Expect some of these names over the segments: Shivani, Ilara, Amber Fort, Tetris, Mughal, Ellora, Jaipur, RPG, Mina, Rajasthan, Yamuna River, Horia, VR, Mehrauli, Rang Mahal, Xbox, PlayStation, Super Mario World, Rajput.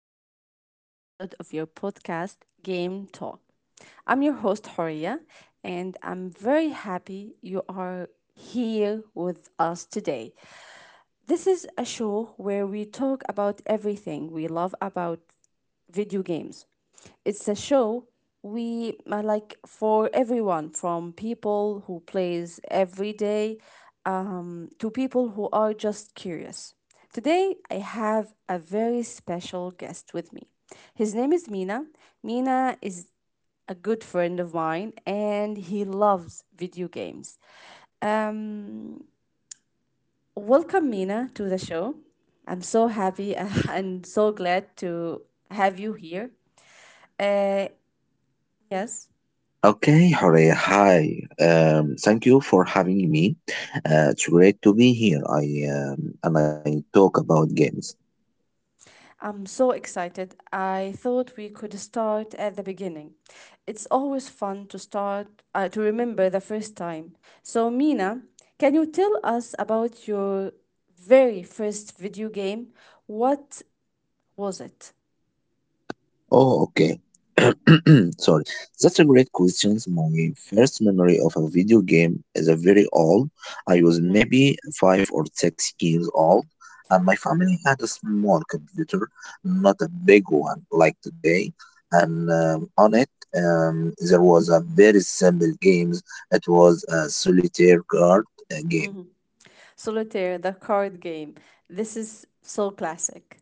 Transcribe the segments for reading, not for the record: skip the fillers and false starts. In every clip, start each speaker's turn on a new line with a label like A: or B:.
A: a new episode of your podcast, Game Talk. I'm your host, Horia, and I'm very happy you are here with us today. This is a show where we talk about everything we love about video games. It's a show we for everyone from people who plays every day, to people who are just curious. Today I have a very special guest with me. His name is Mina. Mina is a good friend of mine and he loves video games. Um, Welcome, Mina, to the show. I'm so happy and so glad to have you here. Uh, yes,
B: Okay, Horea, hi. Thank you for having me. It's great to be here. I And I talk about games.
A: I'm so excited. I thought we could start at the beginning. It's always fun to start, to remember the first time. So, Mina, can you tell us about your very first video game? What was it?
B: Oh, okay. Sorry. That's a great question. My first memory of a video game is a very old. I was maybe 5 or 6 years old, and my family had a small computer, not a big one like today. And On it, there was a very simple games. It was a solitaire card game.
A: Mm-hmm. Solitaire, the card game. This is so classic.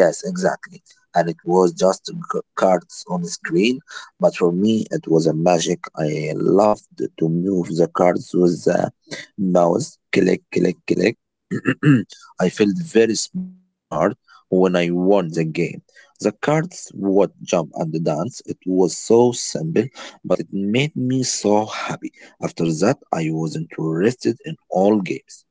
B: Yes, exactly. And it was just cards on the screen, but for me it was a magic. I loved to move the cards with the mouse. Click, click, click. I felt very smart when I won the game. The cards would jump and dance. It was so simple, but it made me so happy. After that, I was interested in all games.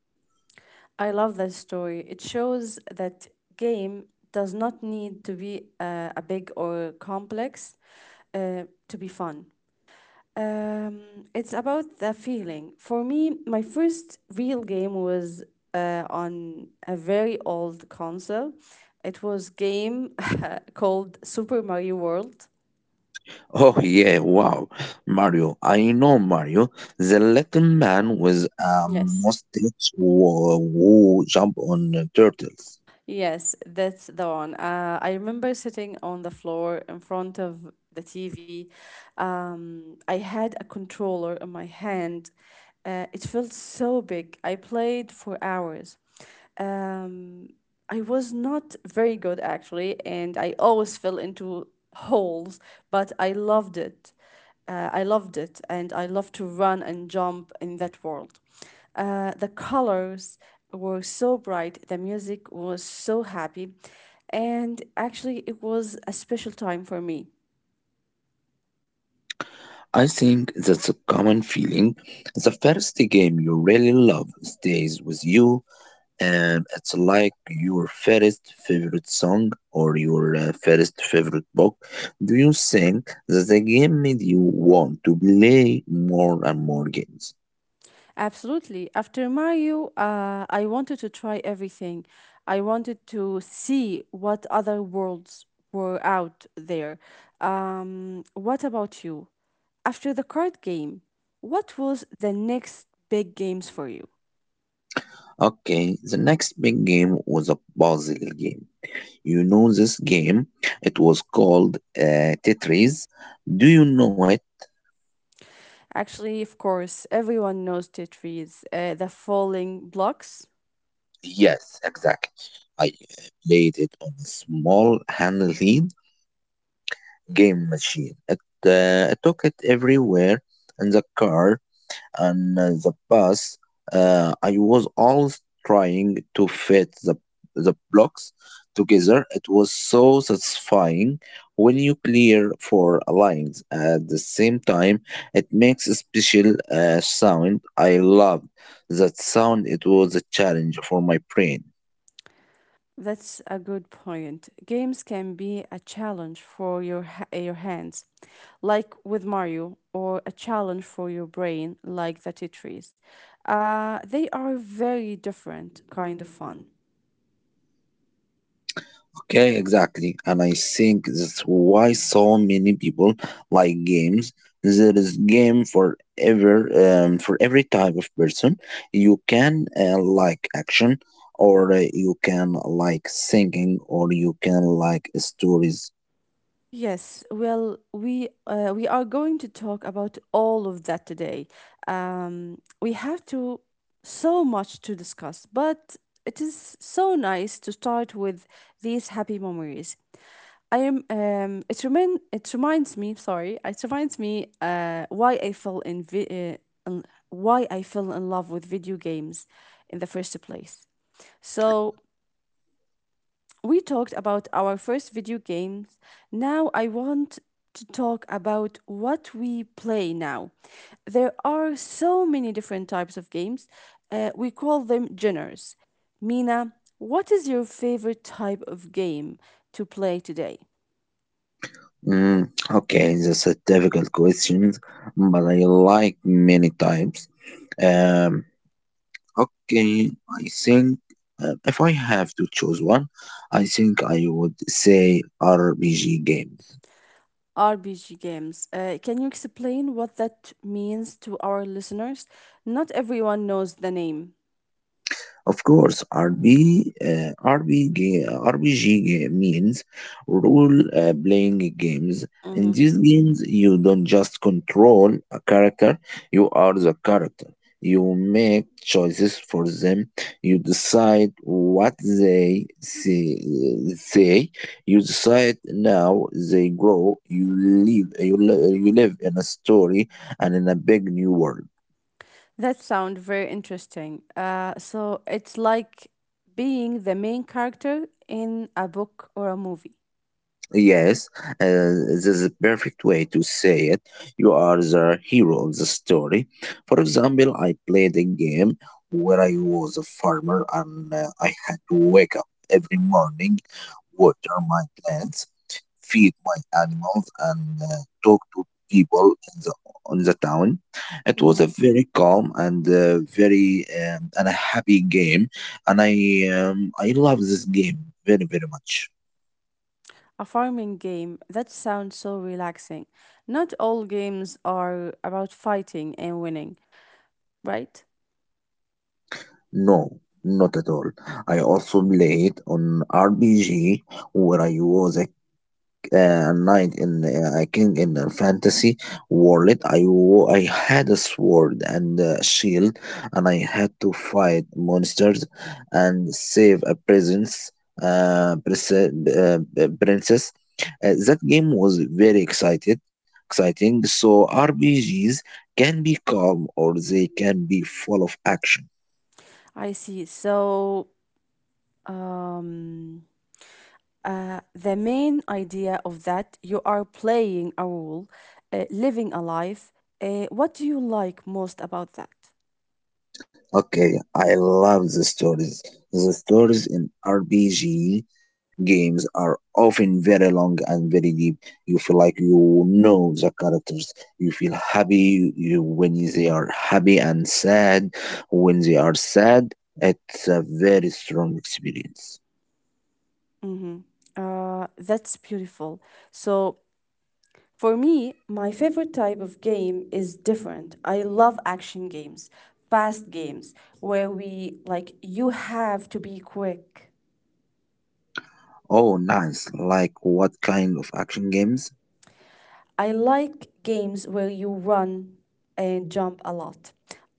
A: I love that story. It shows that game does not need to be a big or complex to be fun. Um, it's about the feeling. For me, my first real game was on a very old console. It was game called Super Mario World.
B: Oh yeah, wow. Mario. I know Mario, the little man with a
A: Yes.
B: mustache who jump on turtles.
A: Yes, that's the one. I remember sitting on the floor in front of the TV. I had a controller in my hand. It felt so big. I played for hours. Um, I was not very good actually, and I always fell into holes, but I loved it. I loved it, and I loved to run and jump in that world. The colors were so bright, the music was so happy, and actually, it was a special time for me.
B: I think that's a common feeling. The first game you really love stays with you, and it's like your first favorite song or your first favorite book. Do you think that the game made you want to play more and more games?
A: Absolutely. After Mario, I wanted to try everything. I wanted to see what other worlds were out there. What about you? After the card game, what was the next big games for you?
B: Okay, the next big game was a puzzle game. You know this game? It was called Tetris. Do you know it?
A: Actually, of course, everyone knows Tetris, the falling blocks.
B: Yes, exactly. I played it on a small handheld game machine. I took it everywhere in the car and the bus. I was always trying to fit the blocks together. It was so satisfying when you clear four lines at the same time. It makes a special sound. I loved that sound. It was a challenge for my brain.
A: That's a good point. Games can be a challenge for your hands, like with Mario, or a challenge for your brain, like the Tetris. They are very different kind of fun.
B: Okay, exactly. And I think that's why so many people like games. There is game for ever for every type of person. You can like action, or you can like singing, or you can like stories.
A: Yes, well, we are going to talk about all of that today. We have to so much to discuss, but it is so nice to start with these happy memories. I am it remind it reminds me sorry It reminds me why I fell in love with video games in the first place. So we talked about our first video games. Now I want to talk about what we play now. There are so many different types of games. We call them genres. Mina, what is your favorite type of game to play today?
B: Okay, that's a difficult question, but I like many types. Um, Okay, I think if I have to choose one, I think I would say RPG game.
A: RPG games. Can you explain what that means to our listeners? Not everyone knows the name.
B: Of course, RPG means role playing games. In
A: Mhm.
B: these games, you don't just control a character, you are the character. You make choices for them, you decide what they say. You decide now they grow, you you live in a story and in a big new world.
A: That sounds very interesting. So it's like being the main character in a book or a movie.
B: Yes, this is a perfect way to say it. You are the hero of the story. For example, I played a game where I was a farmer and I had to wake up every morning, water my plants, feed my animals, and talk to people in the on the town. It
A: Hmm.
B: was a very calm and very and a happy game, and I love this game very very much.
A: A farming game. That sounds so relaxing. Not all games are about fighting and winning, right?
B: No, not at all. I also played on RPG where I was a knight in a king in a fantasy world. I had a sword and a shield, and I had to fight monsters and save a presence, princess. That game was very exciting. So RPGs can be calm or they can be full of action.
A: I see. So, um, the main idea of that, you are playing a role, living a life. What do you like most about that?
B: Okay, I love the stories. The stories in RPG games are often very long and very deep. You feel like you know the characters. You when they are happy and sad when they are sad. It's a very strong experience.
A: Mm-hmm. That's beautiful. So, for me, my favorite type of game is different. I love action games, fast games, where we like you have to be quick.
B: Oh, nice. Like what kind of action games?
A: I like games where you run and jump a lot.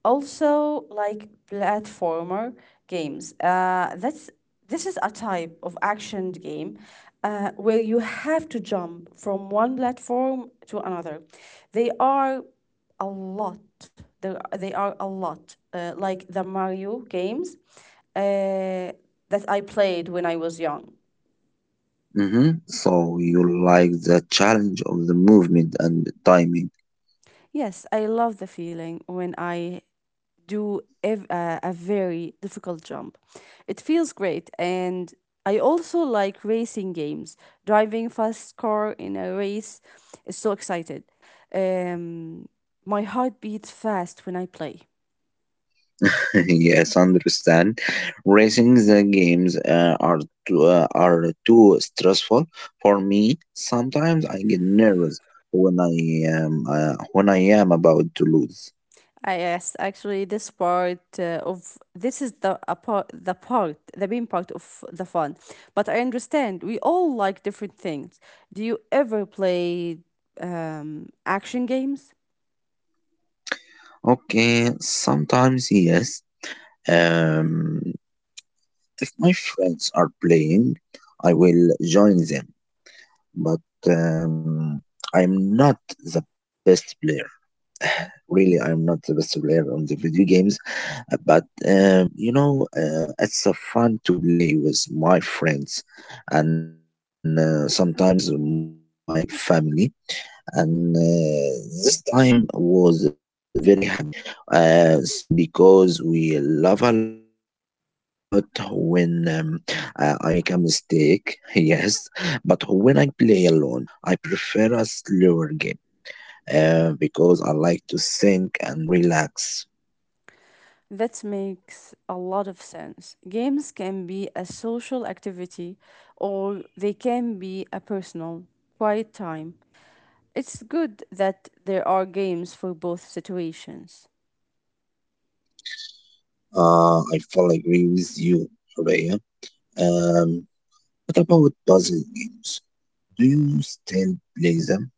A: Also, like platformer games. That's this is a type of action game where you have to jump from one platform to another. They are a lot. There they are a lot. Like the Mario games uh, that I played when I was young.
B: Mm-hmm. So you like the challenge of the movement and the timing.
A: Yes, I love the feeling when I a very difficult jump. It feels great, and I also like racing games. Driving fast car in a race is so excited. Um, my heart beats fast when I play.
B: Yes, understand. Racing the games are too stressful for me. Sometimes I get nervous when I when I am about to lose.
A: Ah, yes, actually, this part of this is the a part, the main part of the fun. But I understand we all like different things. Do you ever play action games?
B: Okay, sometimes yes. Um, if my friends are playing, I will join them, but um, I'm not the best player. Really, I'm not the best player on the video games. It's a fun to play with my friends and sometimes my family. And This time was very happy to me as because we love a lot when I make a mistake, yes, but when I play alone, I prefer a slower game because I like to think and relax.
A: That makes a lot of sense. Games can be a social activity or they can be a personal, quiet time. It's good that there are games for both situations.
B: I fully agree with you, Rhea. Um, what about puzzle games? Do you still play them?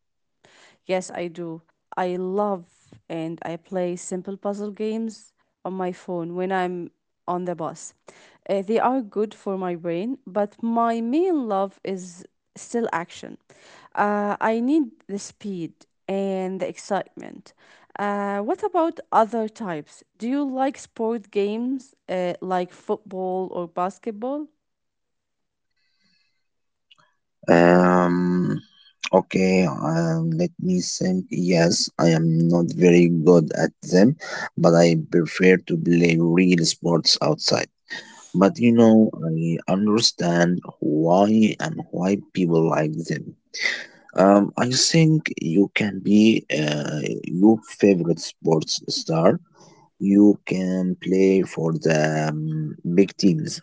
A: Yes, I do. I love and I play simple puzzle games on my phone when I'm on the bus. They are good for my brain, but my main love is still action. I need the speed and the excitement. What about other types? Do you like sport games like football or basketball?
B: Um, okay, Let me think. Yes, I am not very good at them, but I prefer to play real sports outside. But you know, I understand why people like them. I think you can be your favorite sports star. You can play for the big teams.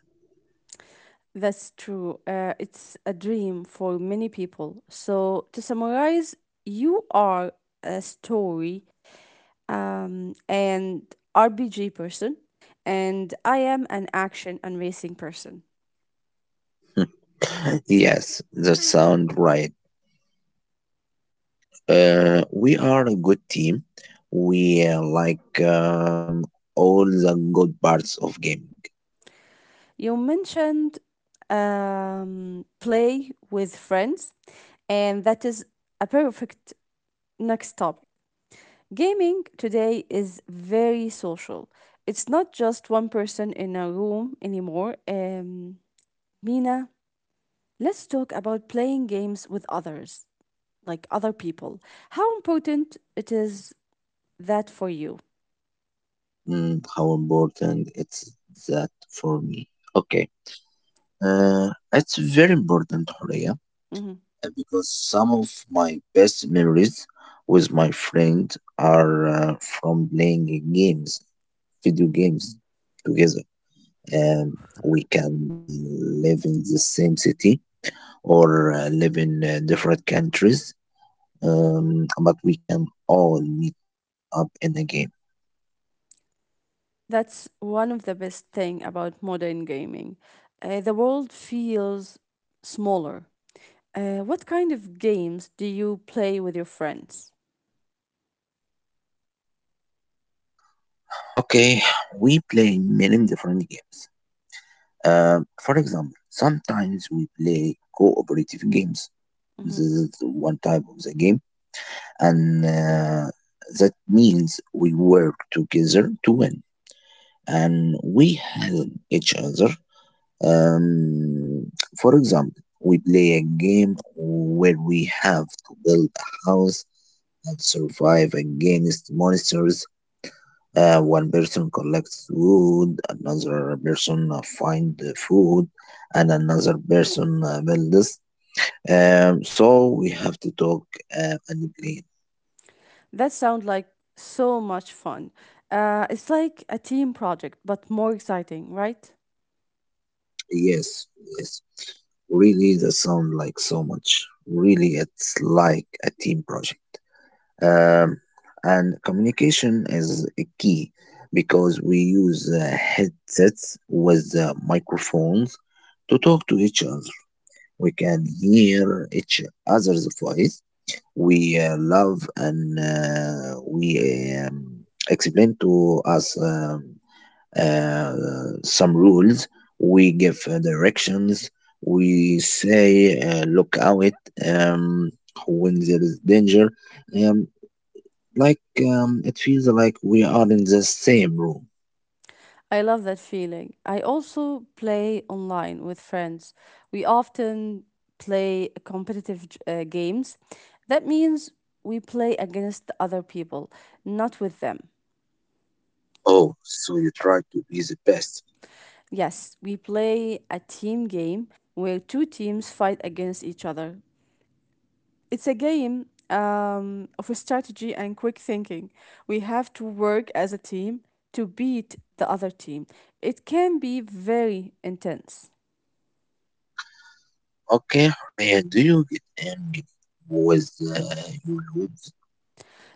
A: That's true. It's a dream for many people. So, to summarize, you are a story and RPG person, and I am an action and racing person.
B: Yes, that sound right. We are a good team. We all the good parts of gaming.
A: You mentioned play with friends, and that is a perfect next topic. Gaming today is very social. It's not just one person in a room anymore. Mina, let's talk about playing games with others, like other people. How important it is that for you?
B: Mm, how important it's that for me? Okay. It's very important, Horia,
A: Mhm.
B: because some of my best memories with my friend are from playing games, video games together. Um, we can live in the same city or live in different countries, but we can all meet up in a game.
A: That's one of the best thing about modern gaming. The world feels smaller. What kind of games do you play with your friends?
B: Okay, we play many different games. For example, sometimes we play cooperative games. This is
A: Mhm.
B: one type of the game, and that means we work together to win, and we help each other. Um, for example, we play a game where we have to build a house and survive against monsters. One person collects wood, another person find the food, and another person builds. So we have to talk and play.
A: That sounds like so much fun. It's like a team project, but more exciting, right?
B: Yes, yes. Really, that sound like so much. Really, it's like a team project. Um, and communication is a key because we use headsets with microphones to talk to each other. We can hear each other's voice. We love and we explain to us uh, some rules. We give directions. We say, look out um, when there is danger. Um, it feels like we are in the same room.
A: I love that feeling. I also play online with friends. We often play competitive games. That means we play against other people, not with them.
B: Oh, so you try to be the best.
A: Yes, we play a team game where two teams fight against each other. It's a game of strategy and quick thinking. We have to work as a team to beat the other team. It can be very intense.
B: Okay, and do you get angry with your looks?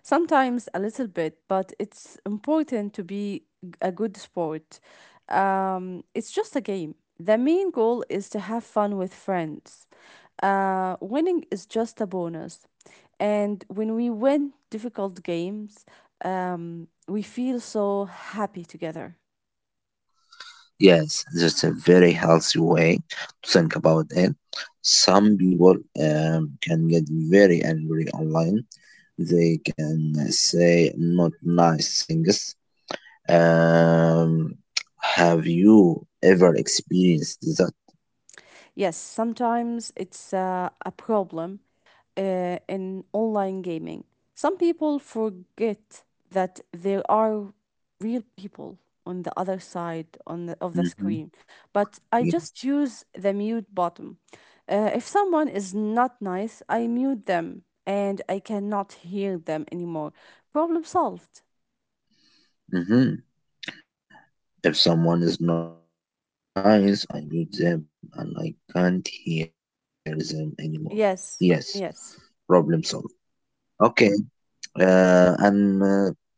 A: Sometimes a little bit, but it's important to be a good sport. It's just a game. The main goal is to have fun with friends. Winning is just a bonus. And when we win difficult games, we feel so happy together.
B: Yes, that's a very healthy way to think about it. Some people can get very angry online. They can say not nice things. Um, have you ever experienced that?
A: Yes, sometimes it's a problem in online gaming. Some people forget that there are real people on the, of the screen.
B: Mm-hmm.
A: But I just use the
B: Yes.
A: mute button. If someone is not nice, I mute them and I cannot hear them anymore. Problem solved.
B: Mm-hmm. If someone is not nice, I mute them and I can't hear them anymore.
A: Yes,
B: Yes,
A: yes.
B: problem solved. Okay, and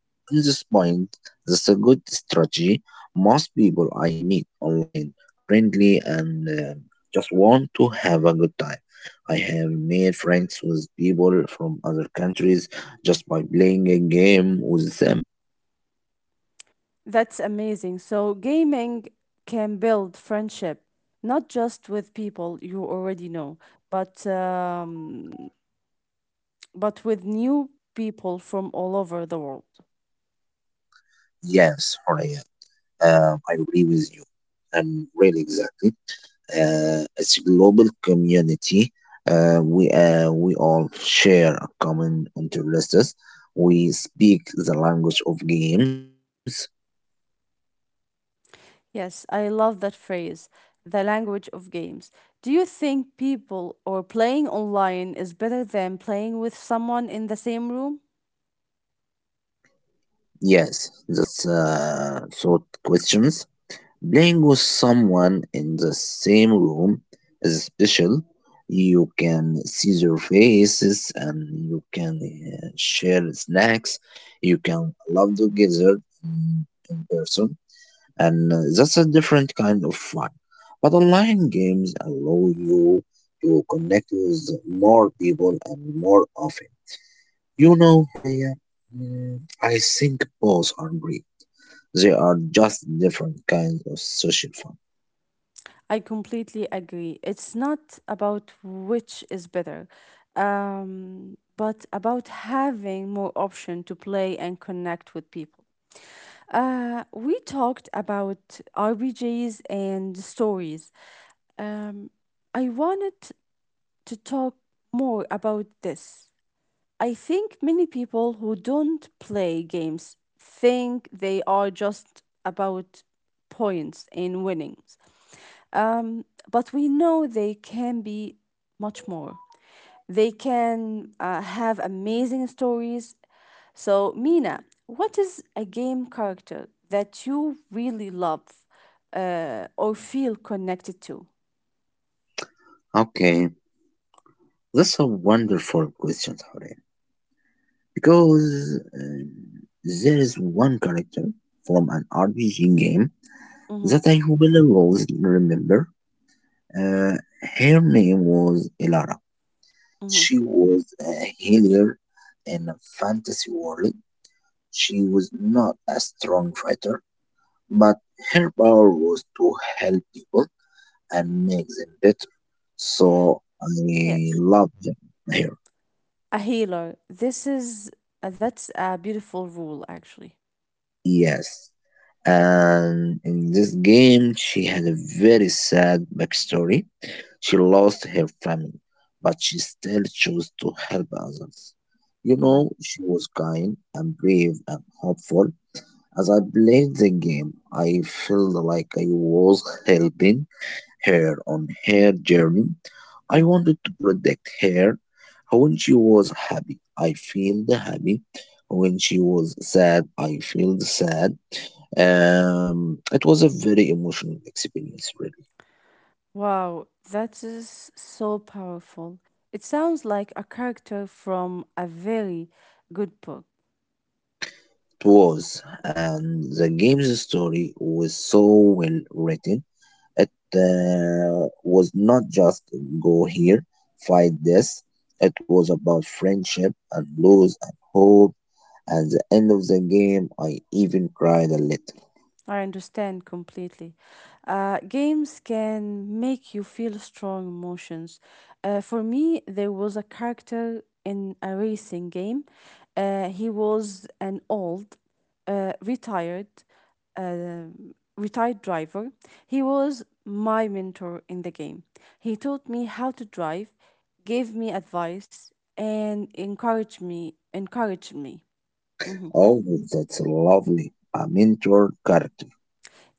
B: in this point, that's a good strategy. Most people I meet online are friendly and just want to have a good time. I have made friends with people from other countries just by playing a game with them.
A: That's amazing. So, gaming can build friendship, not just with people you already know, but um, but with new people from all over the world.
B: Yes, Horia, I agree with you. And really, exactly. It's a global community. Uh, we all share a common interests. We speak the language of games.
A: Yes, I love that phrase, the language of games. Do you think people or playing online is better than playing with someone in the same room?
B: Yes, that's sort questions. Playing with someone in the same room is special. You can see their faces and you can share snacks. You can love together in person and that's a different kind of fun. But online games allow you to connect with more people and more often. You know, Horia, mm, I think both are great. They are just different kinds of social fun.
A: I completely agree. It's not about which is better, but about having more option to play and connect with people. We talked about RPGs and stories. Um, I wanted to talk more about this. I think many people who don't play games think they are just about points and winnings. Um, but we know they can be much more. They can have amazing stories. So, Mina, what is a game character that you really love or feel connected to?
B: Okay, that's a wonderful question, Horea. Because there is one character from an RPG game
A: Mm-hmm,
B: that I will always remember. Uh, Her name was Ilara.
A: mm-hmm.
B: She was a healer in a fantasy world. She was not a strong fighter, but her power was to help people and make them better. So I
A: Yes,
B: love them here.
A: a healer. This is that's a beautiful rule, actually.
B: Yes. And in this game, she had a very sad backstory. She lost her family, but she still chose to help others. You
A: Mm-hmm,
B: know, she was kind and brave and hopeful. As I played the game, I felt like I was helping her on her journey. I
A: mm-hmm.
B: wanted to protect her when she was happy. I felt happy. When she was sad, I felt sad. It was a very emotional experience, really.
A: Wow, that is so powerful. It sounds like a character from a very good book.
B: It was, and the game's story was so well written. It was not just go here, fight this. It was about friendship and lose and hope. At the end of the game, I even cried a little.
A: I understand completely. Games can make you feel strong emotions. For me, there was a character in a racing game. He was an old, uh, retired, uh, retired driver. He was my mentor in the game. He taught me how to drive, gave me advice, and encouraged me. Mm-hmm.
B: Oh, that's lovely. A mentor character.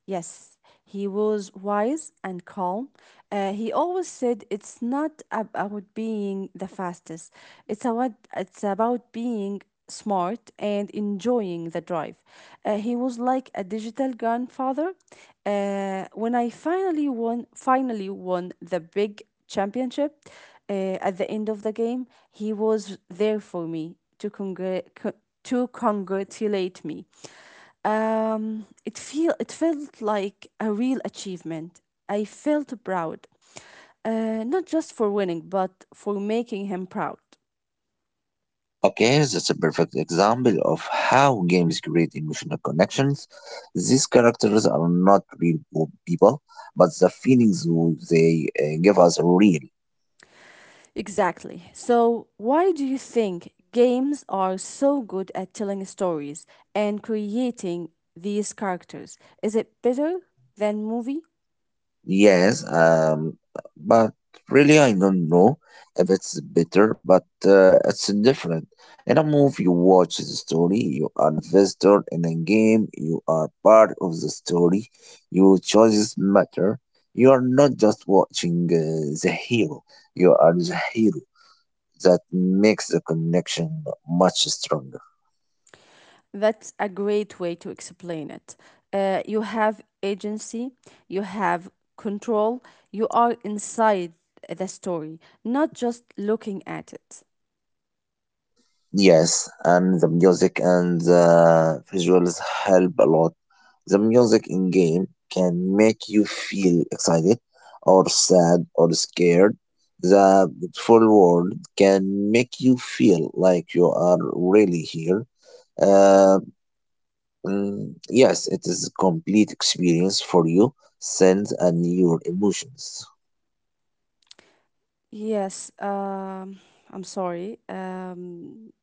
A: Yes, he was wise and calm. He always said it's not about being the fastest. It's about being smart and enjoying the drive. He was like a digital grandfather. When I finally won the big championship uh, at the end of the game, he was there for me to to congratulate me. It felt like a real achievement. I felt proud, not just for winning, but for making him proud.
B: Okay, that's a perfect example of how games create emotional connections. These characters are not people, but the feelings they give us are real.
A: Exactly. So, why do you think games are so good at telling stories and creating these characters? Is it better than movie?
B: Yes, but really, I don't know if it's better, but it's different. In a movie, you watch the story, you are a visitor. In a game, you are part of the story. Your choices matter. You are not just watching the hero, you are the hero. That makes the connection much stronger.
A: That's a great way to explain it. You have agency, you have control, you are inside the story, not just looking at it.
B: Yes, and the music and the visuals help a lot. The music in game can make you feel excited or sad or scared. The full world can make you feel like you are really here. Uh, yes, it is a complete experience for you, sense, and your emotions.
A: Yes, I'm sorry.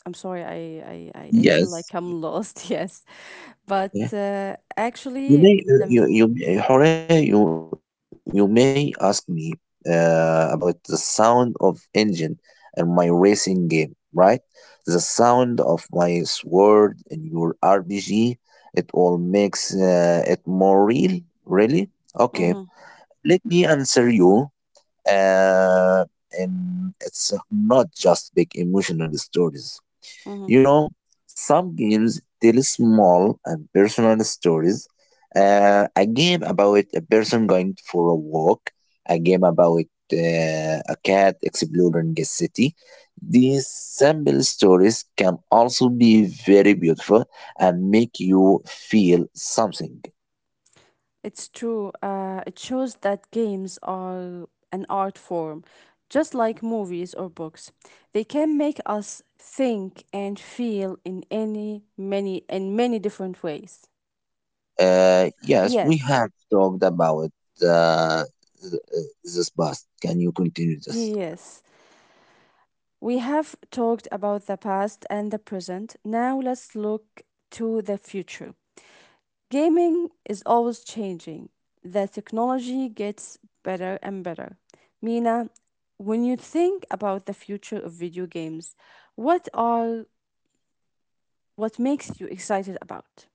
A: I'm sorry, I feel like
B: Yes.
A: I'm lost, yes. But actually,
B: You may
A: it's
B: you you you- Jorge, you may ask me about the sound of engine and my racing game, right? The sound of my sword in your RPG, it all makes it more real, really? Okay, let me answer you. Uh, and it's not just big emotional stories.
A: a.
B: You know, some games tell small and personal stories. A game about a person going for a walk, a game about a cat exploring a city. These simple stories can also be very beautiful and make you feel something.
A: It's true. It shows that games are an art form, just like movies or books. They can make us think and feel in any many in many different ways.
B: Yes, we
A: Yes,
B: have talked about uh, this past. Can you continue this?
A: yes. We have talked about the past and the present. Now let's look to the future. Gaming is always changing. The technology gets better and better. Mina, when you think about the future of video games, what are what makes you excited about?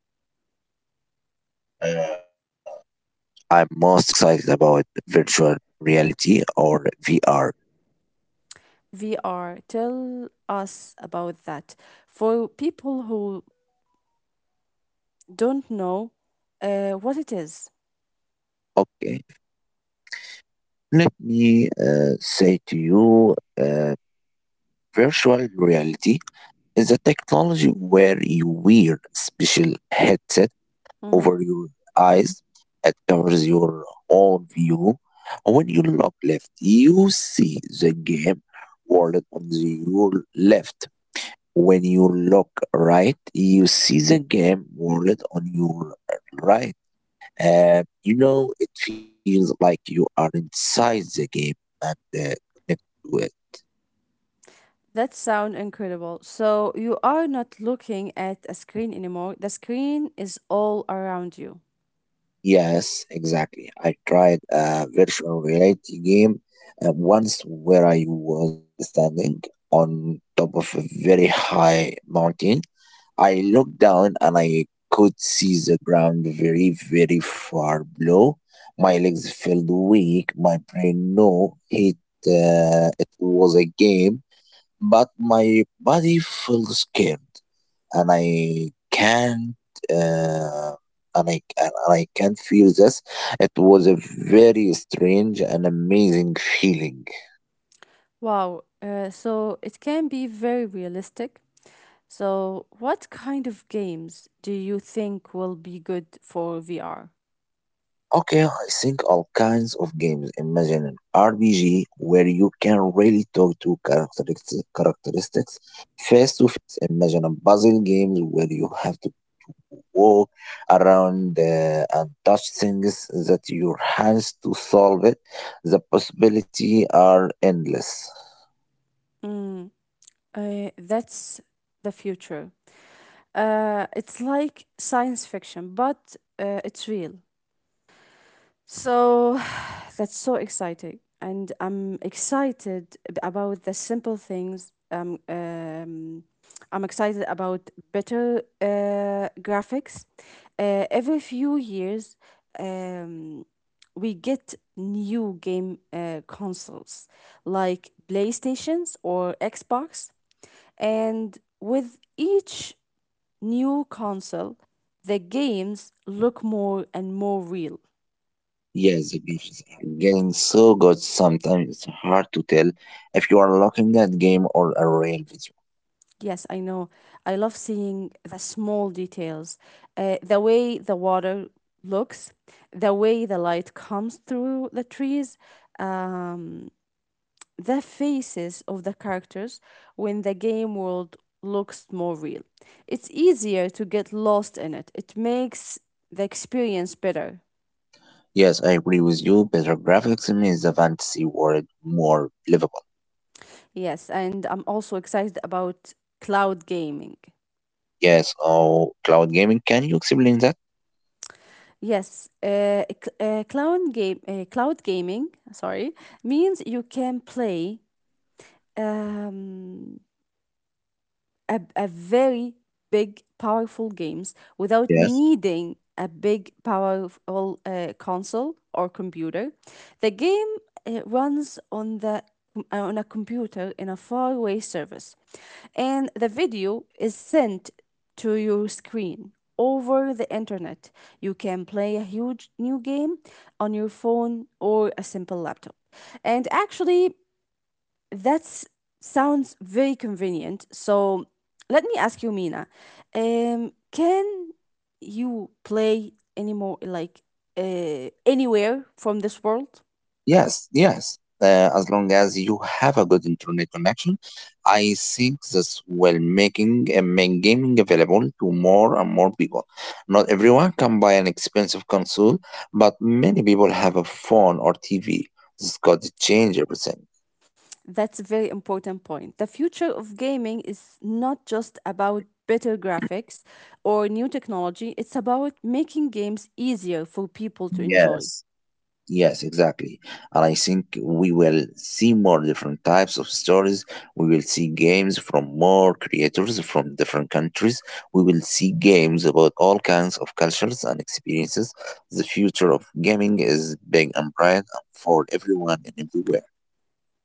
B: I'm most excited about virtual reality or VR.
A: VR, tell us about that. For people who don't know what it is.
B: Okay, let me say to you, virtual reality is a technology where you wear a special headset
A: Mhm.
B: over your eyes that covers your whole view. When you look left, you see the game world on your left. When you look right, you see the game world on your right. And you know, it feels like you are inside the game and connected to it.
A: That sound incredible. So you are not looking at a screen anymore. The screen is all around you.
B: Yes, exactly. I tried a virtual reality game once where I was standing on top of a very high mountain. I looked down and I could see the ground very, very far below. My legs felt weak. My brain knew it, it was a game, but my body felt scared and I can't, uh, and I can't feel this. It was a very strange and amazing feeling.
A: Wow. So it can be very realistic. So, what kind of games do you think will be good for VR?
B: Okay, I think all kinds of games. Imagine an RPG where you can really talk to characteristics face to face. Imagine a puzzle games where you have to walk around and touch things that your hands to solve it. The possibility are endless.
A: Mm, that's the future. It's like science fiction, but it's real. So that's so exciting. And I'm excited about the simple things. I'm excited about better graphics. Every few years, um, we get new game consoles like PlayStations or Xbox. And with each new console, the games look more and more real.
B: Yeah, the gifts are getting so good sometimes it's hard to tell if you are looking at game or a real video.
A: Yes, I know. I love seeing the small details, the way the water looks, the way the light comes through the trees, um, the faces of the characters when the game world looks more real. It's easier to get lost in it, it makes the experience better.
B: Yes, I agree with you. Better graphics makes the fantasy world more livable.
A: Yes, and I'm also excited about cloud gaming.
B: Yes, oh, cloud gaming. Can you explain that?
A: Yes, cloud gaming, sorry, means you can play um, a very big powerful games without
B: Yes.
A: needing a big powerful console or computer, the game runs on the on a computer in a faraway service, and the video is sent to your screen over the internet. You can play a huge new game on your phone or a simple laptop, and actually that sounds very convenient. So let me ask you, Mina, can you play anymore, like anywhere from this world?
B: Yes, yes. As long as you have a good internet connection, I think this will making, make gaming available to more and more people. Not everyone can buy an expensive console, but many people have a phone or TV. This could change everything.
A: That's a very important point. The future of gaming is not just about better graphics or new technology, it's about making games easier for people to enjoy.
B: Yes, yes, exactly. And I think we will see more different types of stories. We will see games from more creators from different countries. We will see games about all kinds of cultures and experiences. The future of gaming is big and bright and for everyone and everywhere.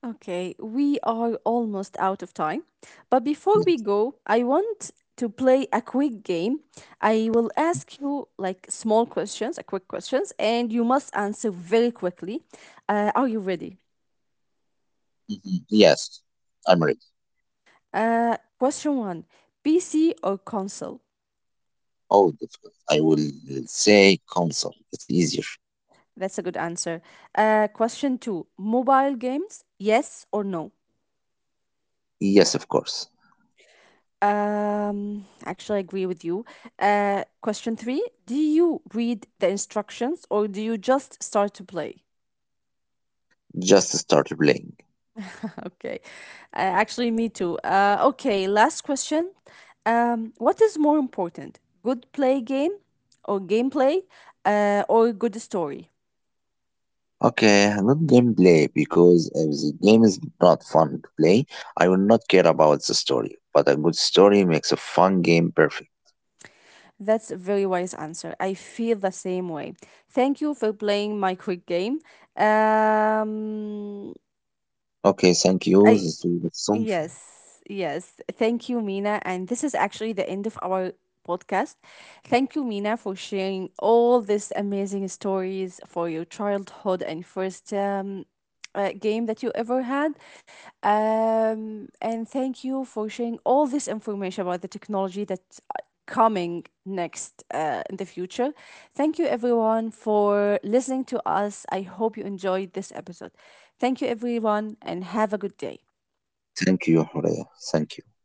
A: Okay, we are almost out of time. But before we
B: Yeah.
A: go, I want to play a quick game. I will ask you like small questions, a quick questions, and you must answer very quickly. Are you ready?
B: Mhm. Yes, I'm ready.
A: Question one, PC or console?
B: Oh, difficult. I will say console. It's easier.
A: That's a good answer. Question two, mobile games, yes or no?
B: Yes, of course.
A: Actually, I agree with you. Question three: do you read the instructions or do you just start to play?
B: Just start playing.
A: Okay, actually, me too. Okay, last question. What is more important, good play game or gameplay, or good story?
B: Okay, not gameplay because if the game is not fun to play, I will not care about the story. But a good story makes a fun game perfect.
A: That's a very wise answer. I feel the same way. Thank you for playing my quick game. Um,
B: Okay, thank you.
A: I
B: This was so fun.
A: Yes, yes. Thank you, Mina. And this is actually the end of our podcast. Thank you, Mina, for sharing all these amazing stories for your childhood and first game that you ever had. And thank you for sharing all this information about the technology that's coming next in the future. Thank you, everyone, for listening to us. I hope you enjoyed this episode. Thank you, everyone, and have a good day.
B: Thank you, Horea. Thank you.